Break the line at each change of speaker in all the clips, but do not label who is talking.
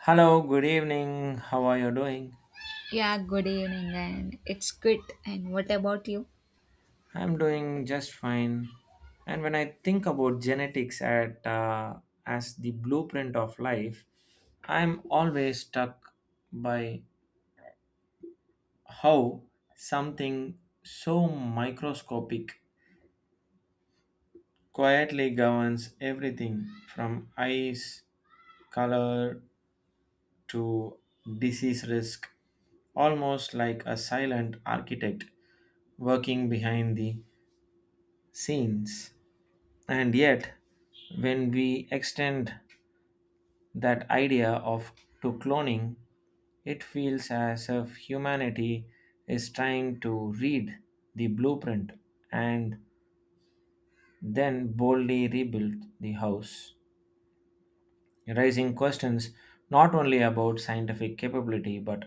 Hello, good evening. How are you doing?
Yeah, good evening, and it's good. And what about you?
I'm doing just fine. And when I think about genetics at, as the blueprint of life, I'm always struck by how something so microscopic quietly governs everything from eyes, color to disease risk, almost like a silent architect working behind the scenes. And yet, when we extend that idea of to cloning, it feels as if humanity is trying to read the blueprint and then boldly rebuild the house, raising questions not only about scientific capability but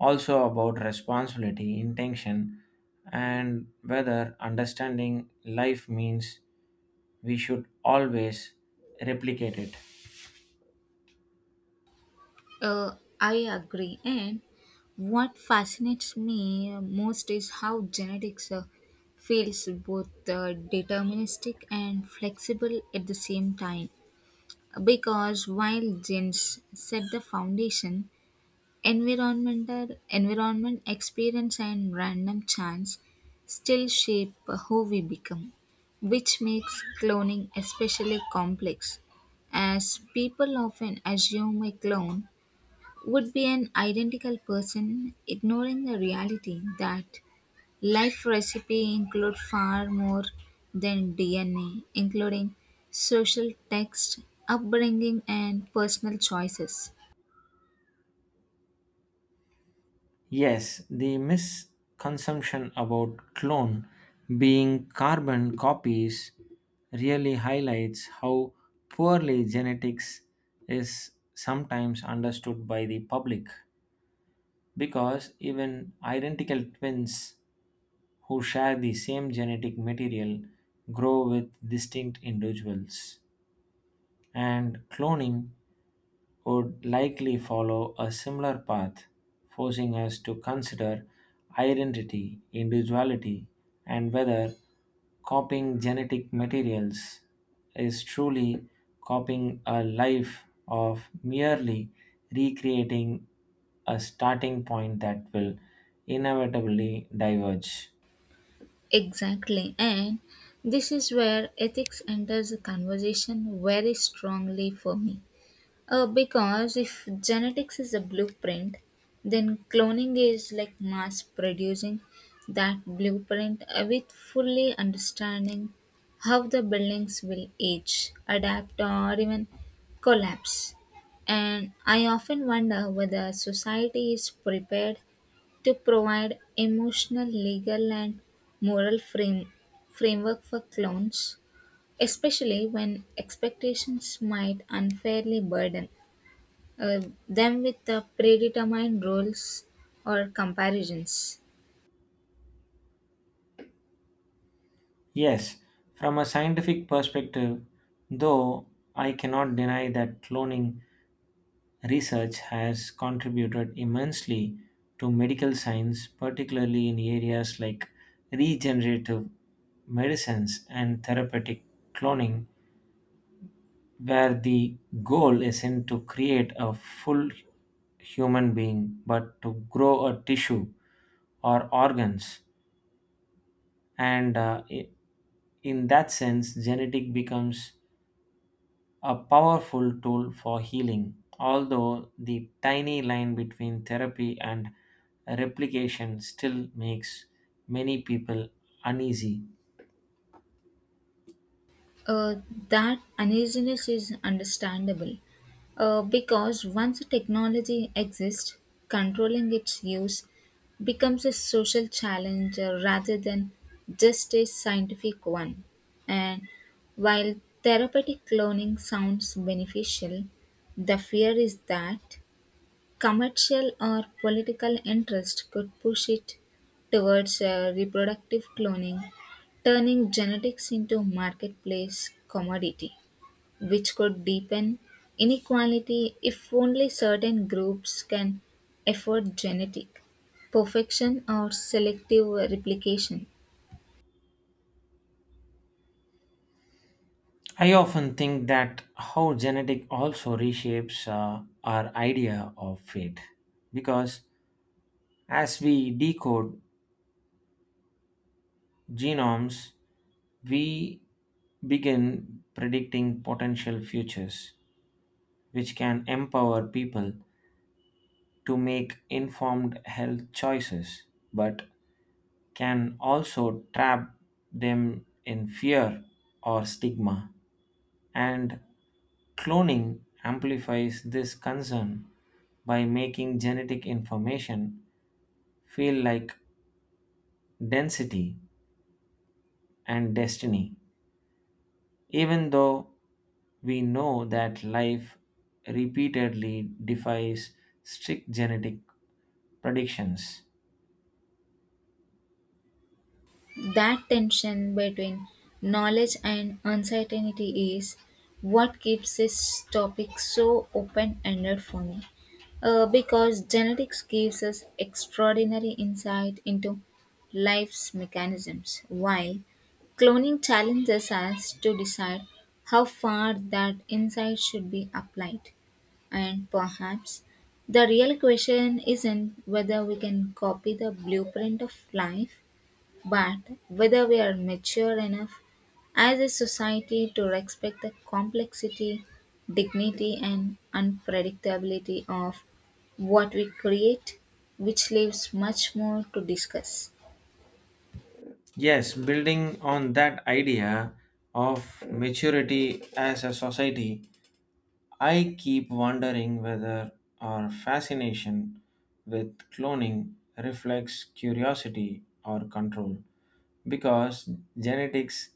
also about responsibility, intention, and whether understanding life means we should always replicate it.
I agree. And what fascinates me most is how genetics feels both deterministic and flexible at the same time. Because while genes set the foundation, environment, experience, and random chance still shape who we become, which makes cloning especially complex, as people often assume a clone would be an identical person, ignoring the reality that life recipe include far more than DNA, including social text, upbringing, and personal choices.
Yes, the misconception about clone being carbon copies really highlights how poorly genetics is sometimes understood by the public because even identical twins who share the same genetic material grow with distinct individuals and cloning would likely follow a similar path, forcing us to consider identity, individuality, and whether copying genetic materials is truly copying a life of merely recreating a starting point that will inevitably diverge.
Exactly. And this is where ethics enters the conversation very strongly for me. Because if genetics is a blueprint, then cloning is like mass producing that blueprint with fully understanding how the buildings will age, adapt, or even collapse. And I often wonder whether society is prepared to provide emotional, legal, and moral framework for clones, especially when expectations might unfairly burden uh, them with the predetermined roles or comparisons.
Yes, from a scientific perspective, though I cannot deny that cloning research has contributed immensely to medical science, particularly in areas like regenerative medicines and therapeutic cloning, where the goal isn't to create a full human being but to grow a tissue or organs. And in that sense, genetic becomes a powerful tool for healing, although the tiny line between therapy and replication still makes many people uneasy.
Uh, that uneasiness is understandable because once a technology exists, controlling its use becomes a social challenge rather than just a scientific one. And while therapeutic cloning sounds beneficial, the fear is that Commercial or political interest could push it towards reproductive cloning, turning genetics into marketplace commodity, which could deepen inequality if only certain groups can afford genetic perfection or selective replication.
I often think that how genetic also reshapes our idea of fate because as we decode genomes, we begin predicting potential futures, which can empower people to make informed health choices. But can also trap them in fear or stigma. And cloning amplifies this concern by making genetic information feel like density and destiny, even though we know that life repeatedly defies strict genetic predictions.
That tension between knowledge and uncertainty is what keeps this topic so open ended for me. Because genetics gives us extraordinary insight into life's mechanisms, while cloning challenges us to decide how far that insight should be applied. And perhaps the real question isn't whether we can copy the blueprint of life, but whether we are mature enough as a society to respect the complexity, dignity, and unpredictability of what we create, which leaves much more to discuss.
Yes, building on that idea of maturity as a society, I keep wondering whether our fascination with cloning reflects curiosity or control, because genetics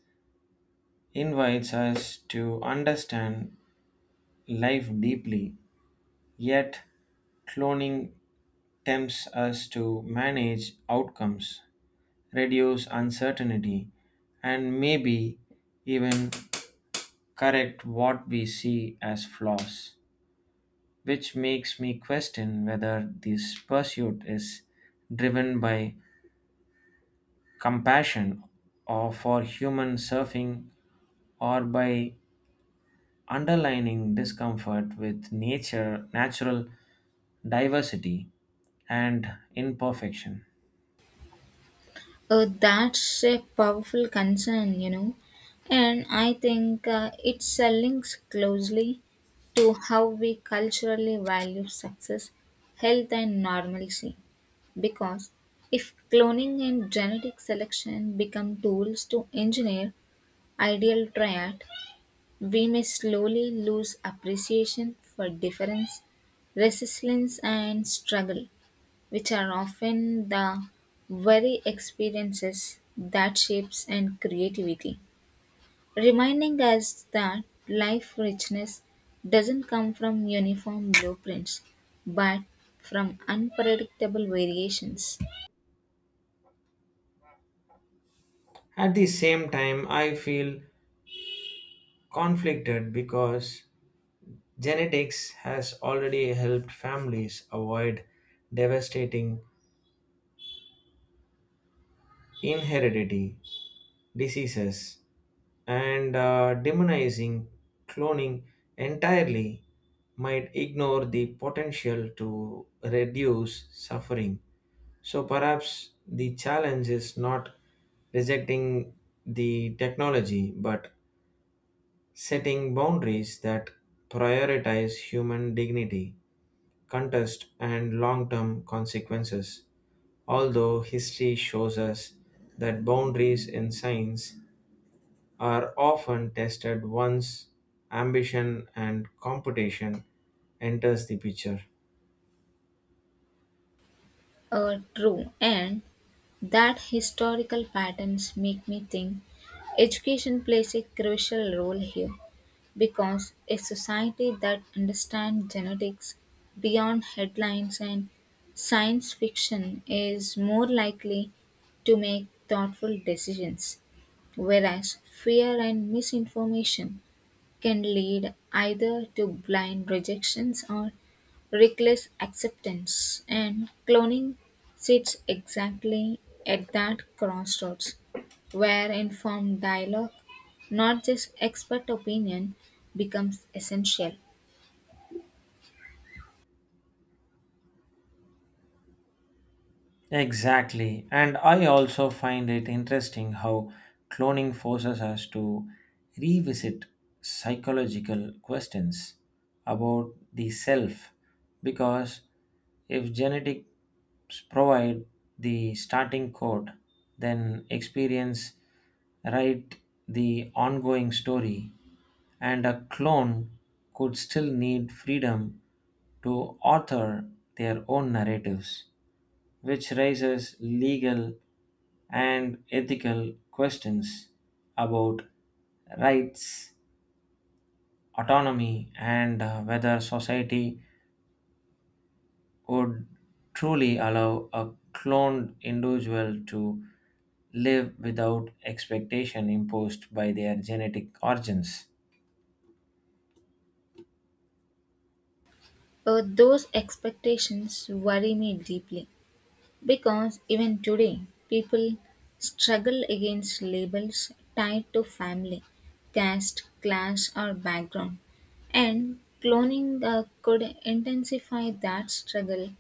invites us to understand life deeply, yet cloning tempts us to manage outcomes, reduce uncertainty, and maybe even correct what we see as flaws, which makes me question whether this pursuit is driven by compassion or for human surfing or by underlining discomfort with nature natural diversity and imperfection.
That's a powerful concern, you know, and I think it links closely to how we culturally value success, health, and normalcy. Because if cloning and genetic selection become tools to engineer ideal triad, we may slowly lose appreciation for difference, resilience, and struggle, which are often the very experiences that shapes and creativity, reminding us that life richness doesn't come from uniform blueprints, but from unpredictable variations.
At the same time, I feel conflicted because genetics has already helped families avoid devastating inheritity diseases and demonizing cloning entirely might ignore the potential to reduce suffering. So perhaps the challenge is not rejecting the technology but setting boundaries that prioritize human dignity, contest, and long term consequences. Although history shows us that boundaries in science are often tested once ambition and competition enters the picture.
True, and that historical patterns make me think education plays a crucial role here because a society that understands genetics beyond headlines and science fiction is more likely to make thoughtful decisions, whereas fear and misinformation can lead either to blind rejections or reckless acceptance, and cloning sits exactly at that crossroads where informed dialogue, not just expert opinion, becomes essential.
Exactly. And I also find it interesting how cloning forces us to revisit psychological questions about the self because if genetics provide the starting code, then experience write the ongoing story and a clone could still need freedom to author their own narratives, which raises legal and ethical questions about rights, autonomy, and whether society would truly allow a cloned individual to live without expectation imposed by their genetic origins.
Those expectations worry me deeply. Because even today, people struggle against labels tied to family, caste, class, or background. And cloning could intensify that struggle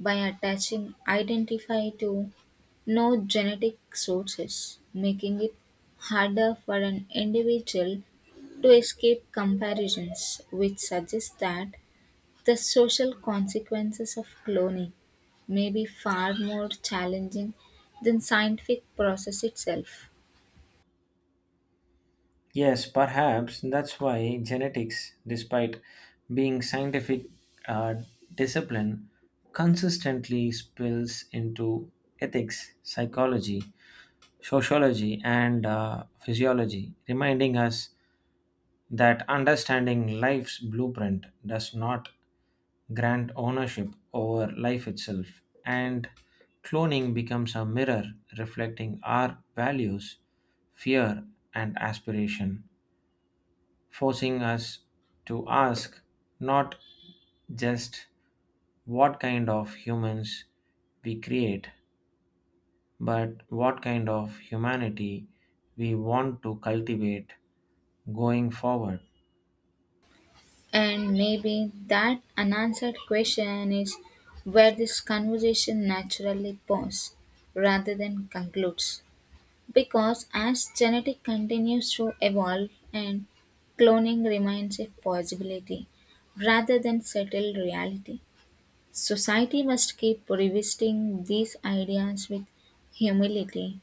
by attaching identify to no genetic sources, making it harder for an individual to escape comparisons, which suggests that the social consequences of cloning may be far more challenging than scientific process itself.
Yes, perhaps that's why genetics, despite being scientific uh, discipline, consistently spills into ethics, psychology, sociology, and physiology, reminding us that understanding life's blueprint does not grant ownership over life itself, and cloning becomes a mirror reflecting our values, fear, and aspiration forcing us to ask not just what kind of humans we create, but what kind of humanity we want to cultivate going forward.
And maybe that unanswered question is where this conversation naturally pauses rather than concludes. Because as genetic continues to evolve and cloning remains a possibility rather than settled reality, society must keep revisiting these ideas with humility,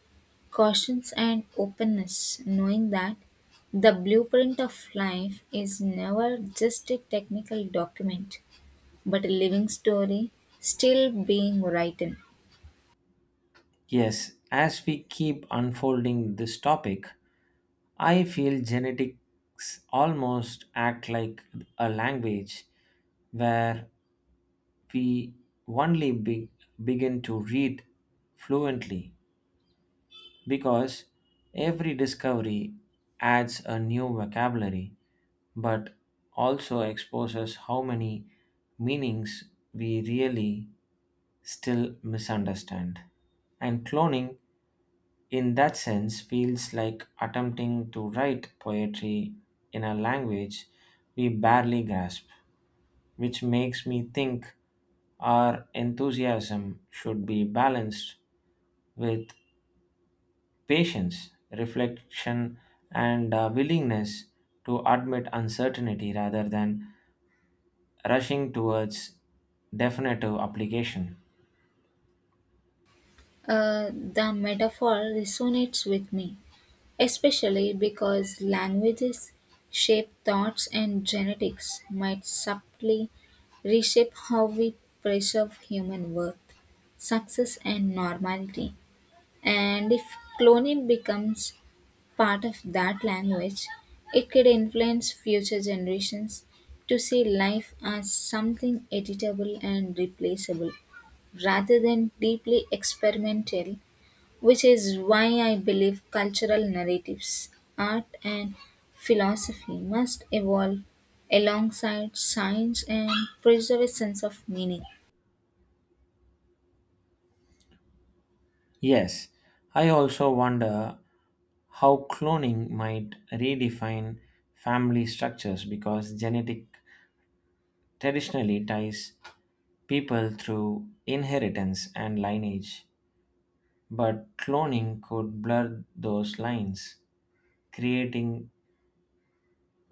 cautions and openness, knowing that the blueprint of life is never just a technical document, but a living story still being written.
Yes, as we keep unfolding this topic, I feel genetics almost act like a language where we only begin to read fluently because every discovery adds a new vocabulary but also exposes how many meanings we really still misunderstand. And cloning, in that sense, feels like attempting to write poetry in a language we barely grasp, which makes me think our enthusiasm should be balanced with patience, reflection, and willingness to admit uncertainty rather than rushing towards definitive application.
The metaphor resonates with me, especially because languages shape thoughts and genetics might subtly reshape how we preserve human worth, success and normality. And if cloning becomes part of that language, it could influence future generations to see life as something editable and replaceable rather than deeply experimental, which is why I believe cultural narratives, art, and philosophy must evolve alongside science and preserve a sense of meaning.
Yes, I also wonder how cloning might redefine family structures because genetic traditionally ties people through inheritance and lineage. But cloning could blur those lines, creating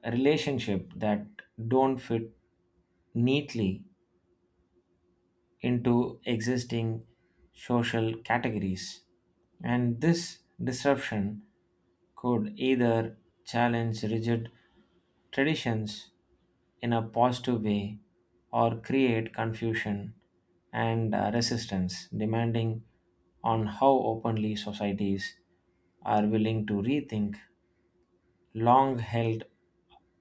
a relationship that don't fit neatly into existing social categories. And this disruption could either challenge rigid traditions in a positive way or create confusion and resistance, depending on how openly societies are willing to rethink long held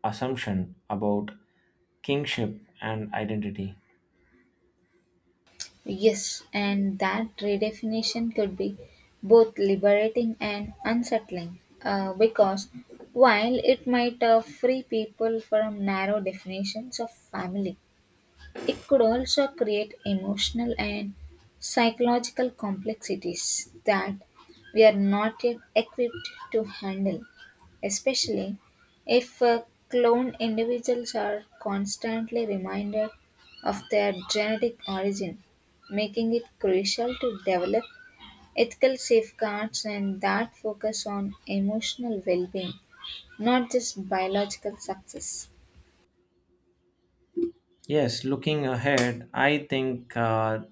assumption about kingship and identity.
Yes, and that redefinition could be both liberating and unsettling because while it might free people from narrow definitions of family, it could also create emotional and psychological complexities that we are not yet equipped to handle, especially if cloned individuals are constantly reminded of their genetic origin, making it crucial to develop ethical safeguards and that focus on emotional well being, not just biological success.
Yes, looking ahead, I think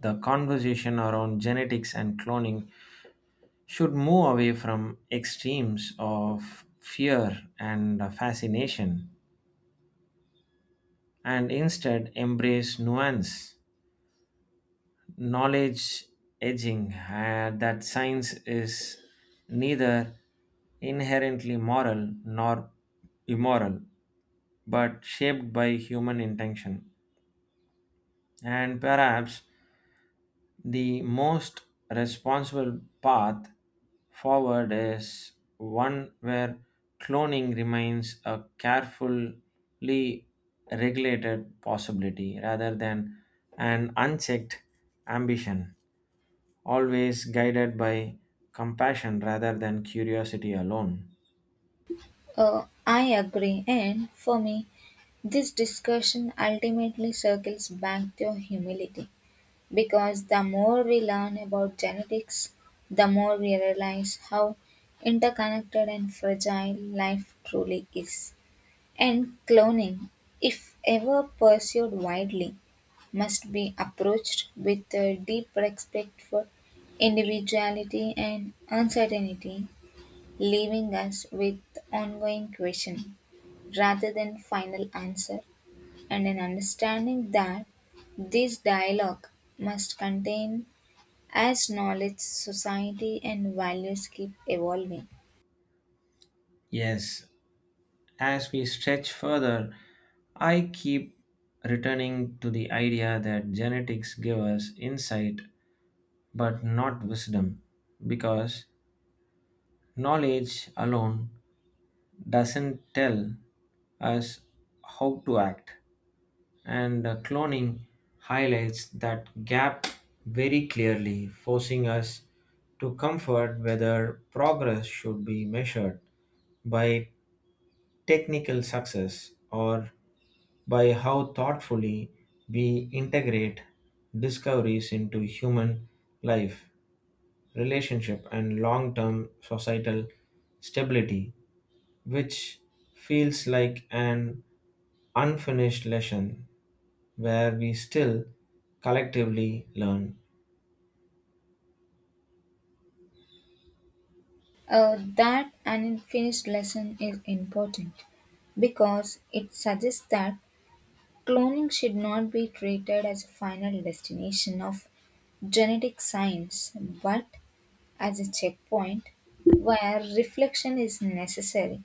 the conversation around genetics and cloning should move away from extremes of fear and fascination and instead embrace nuance, knowledge edging that science is neither inherently moral nor immoral but shaped by human intention. And perhaps the most responsible path forward is one where cloning remains a carefully regulated possibility rather than an unchecked ambition, always guided by compassion rather than curiosity alone.
I agree, and for me, this discussion ultimately circles back to humility because the more we learn about genetics, the more we realize how interconnected and fragile life truly is. And cloning, if ever pursued widely, must be approached with a deep respect for individuality and uncertainty, leaving us with ongoing questioning rather than final answer and an understanding that this dialogue must contain as knowledge society and values keep evolving.
Yes, as we stretch further, I keep returning to the idea that genetics give us insight but not wisdom, because knowledge alone doesn't tell us how to act, and cloning highlights that gap very clearly, forcing us to comfort whether progress should be measured by technical success or by how thoughtfully we integrate discoveries into human life, relationship, and long term societal stability, which feels like an unfinished lesson where we still collectively learn.
Uh, that unfinished lesson is important because it suggests that cloning should not be treated as a final destination of genetic science but as a checkpoint where reflection is necessary.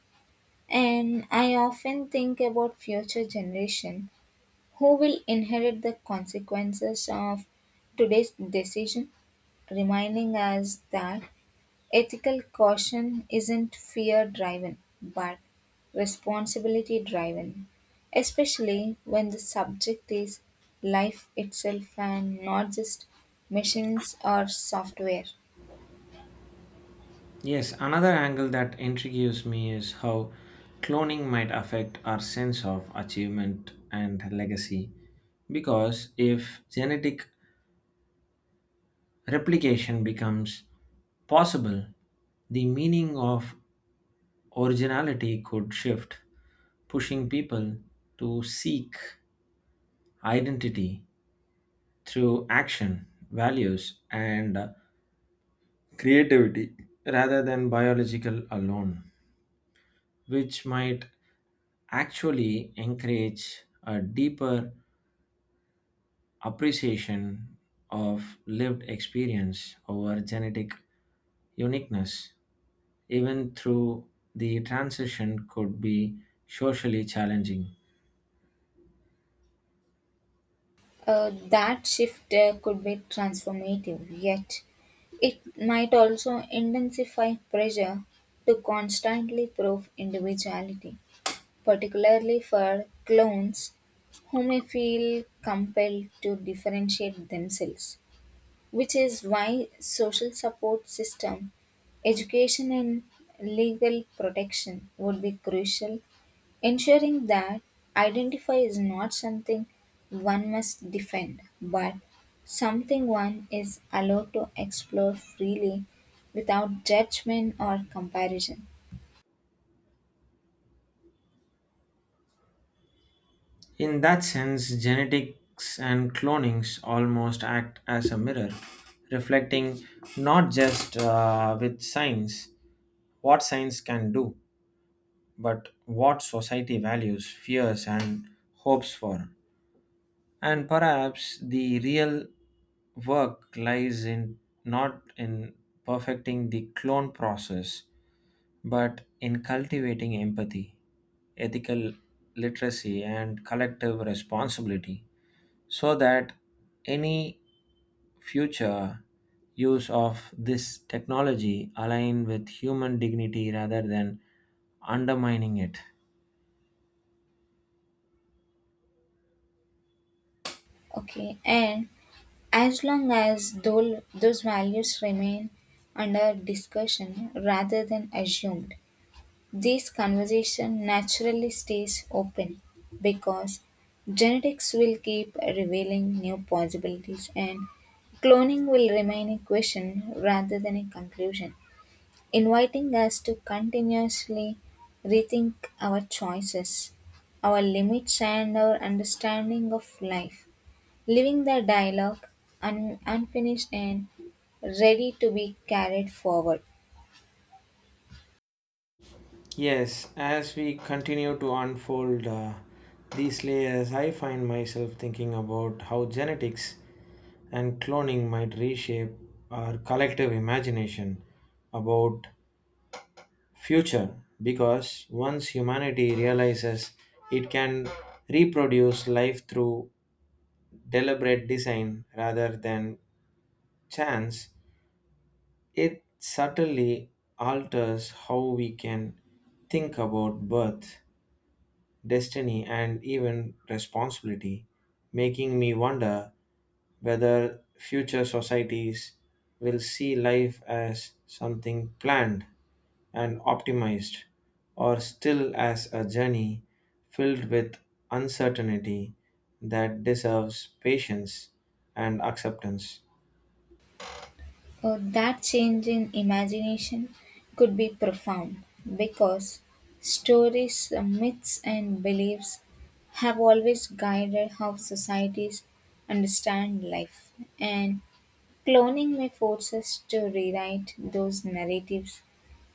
And I often think about future generation who will inherit the consequences of today's decision, reminding us that ethical caution isn't fear driven but responsibility driven, especially when the subject is life itself and not just machines or software.
Yes, another angle that intrigues me is how cloning might affect our sense of achievement and legacy. Because if genetic replication becomes possible, the meaning of originality could shift, pushing people to seek identity through action, values, and creativity rather than biological alone, which might actually encourage a deeper appreciation of lived experience over genetic uniqueness, even through the transition could be socially challenging.
That shift could be transformative, yet it might also intensify pressure to constantly prove individuality, particularly for clones who may feel compelled to differentiate themselves, which is why social support system, education and legal protection would be crucial, ensuring that identify is not something one must defend, but something one is allowed to explore freely without judgment or comparison.
In that sense, genetics and clonings almost act as a mirror, reflecting not just with science what science can do, but what society values, fears, and hopes for. And perhaps the real work lies in not in perfecting the clone process, but in cultivating empathy, ethical literacy, and collective responsibility, so that any future use of this technology align with human dignity rather than undermining it.
Okay, and as long as those values remain under discussion rather than assumed, this conversation naturally stays open because genetics will keep revealing new possibilities and cloning will remain a question rather than a conclusion, inviting us to continuously rethink our choices, our limits, and our understanding of life, leaving the dialogue unfinished and ready to be carried forward.
Yes, as we continue to unfold these layers, I find myself thinking about how genetics and cloning might reshape our collective imagination about future because once humanity realizes it can reproduce life through deliberate design rather than chance, it subtly alters how we can think about birth, destiny, and even responsibility, making me wonder whether future societies will see life as something planned and optimized, or still as a journey filled with uncertainty that deserves patience and acceptance.
That change in imagination could be profound because stories, myths, and beliefs have always guided how societies understand life, and cloning may force us to rewrite those narratives,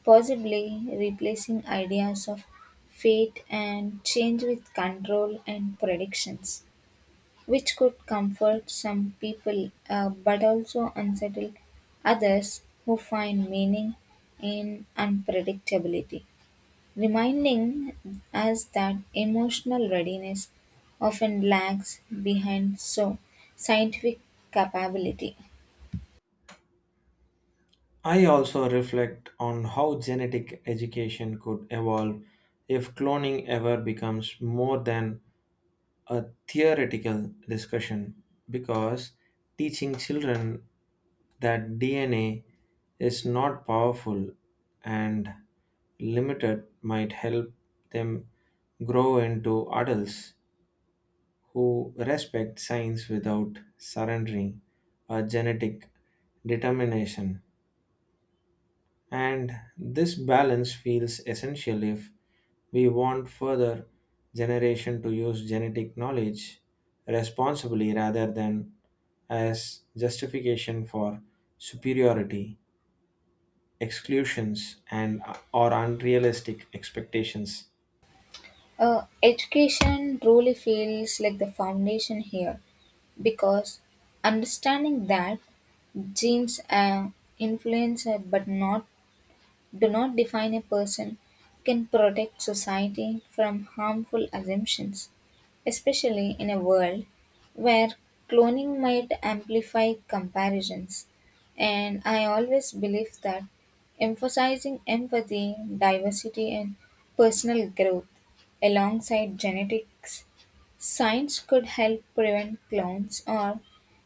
possibly replacing ideas of fate and change with control and predictions, which could comfort some people but also unsettle others who find meaning in unpredictability, reminding us that emotional readiness often lags behind so scientific capability.
I also reflect on how genetic education could evolve if cloning ever becomes more than a theoretical discussion, because teaching children that DNA is not powerful and limited might help them grow into adults who respect science without surrendering a genetic determination. And this balance feels essential if we want further generation to use genetic knowledge responsibly rather than as justification for superiority, exclusions and or unrealistic expectations.
Education truly feels like the foundation here because understanding that genes influence but not do not define a person can protect society from harmful assumptions, especially in a world where cloning might amplify comparisons. And I always believe that emphasizing empathy, diversity, and personal growth alongside genetics science could help prevent clones or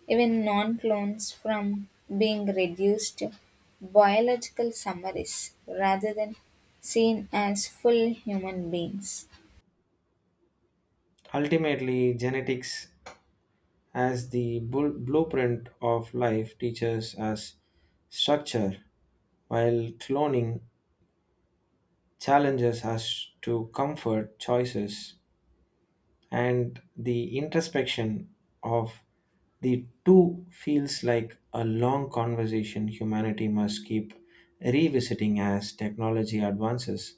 even non clones from being reduced to biological summaries rather than seen as full human beings.
Ultimately, genetics as the blueprint of life teaches us structure, while cloning challenges us to comfort choices and the introspection of the two feels like a long conversation humanity must keep revisiting as technology advances,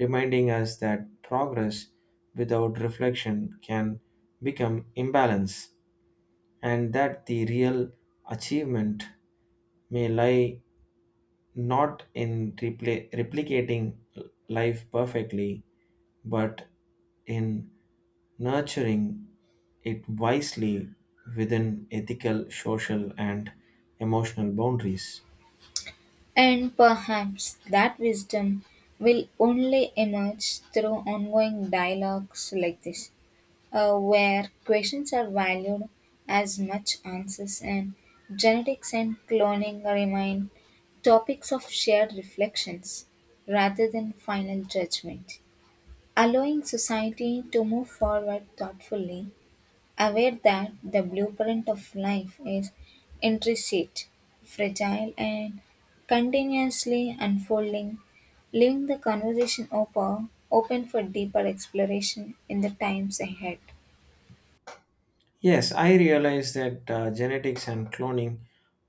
reminding us that progress without reflection can become imbalance and that the real achievement may lie not in replicating life perfectly but in nurturing it wisely within ethical, social, and emotional boundaries.
And perhaps that wisdom will only emerge through ongoing dialogues like this, where questions are valued as much answers and genetics and cloning remain topics of shared reflections rather than final judgment, allowing society to move forward thoughtfully, aware that the blueprint of life is intricate, fragile, and continuously unfolding, leaving the conversation open for deeper exploration in the times ahead.
Yes, I realize that genetics and cloning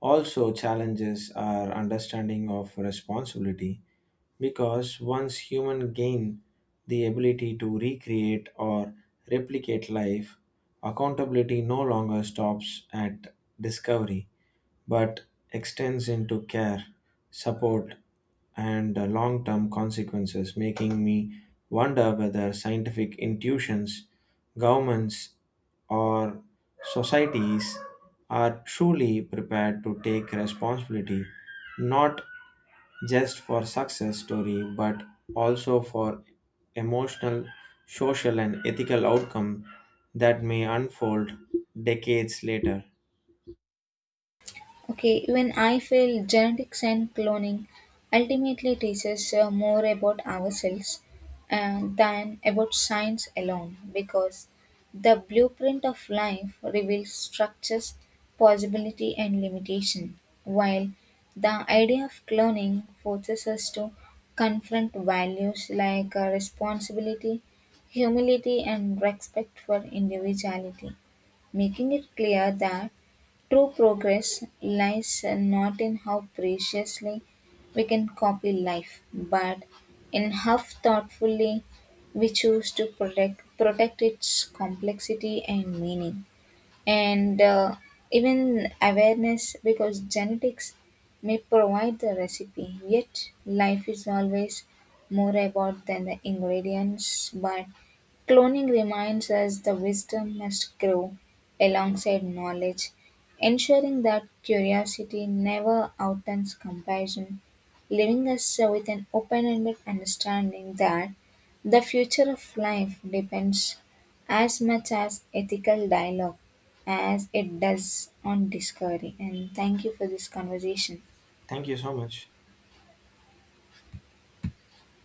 also challenges our understanding of responsibility because once humans gain the ability to recreate or replicate life, accountability no longer stops at discovery, but extends into care, support, and long term consequences, making me wonder whether scientific intuitions, governments, or societies are truly prepared to take responsibility not just for success story but also for emotional social and ethical outcome that may unfold decades later.
Okay, even I feel genetics and cloning ultimately teaches more about ourselves and than about science alone because the blueprint of life reveals structures, possibility, and limitation, while the idea of cloning forces us to confront values like responsibility, humility, and respect for individuality, making it clear that true progress lies not in how preciously we can copy life, but in how thoughtfully we choose to protect its complexity and meaning and even awareness because genetics may provide the recipe yet life is always more about than the ingredients but cloning reminds us the wisdom must grow alongside knowledge, ensuring that curiosity never outruns comparison, leaving us with an open-ended understanding that the future of life depends as much as ethical dialogue as it does on Discovery. And thank you for this conversation.
Thank you so much.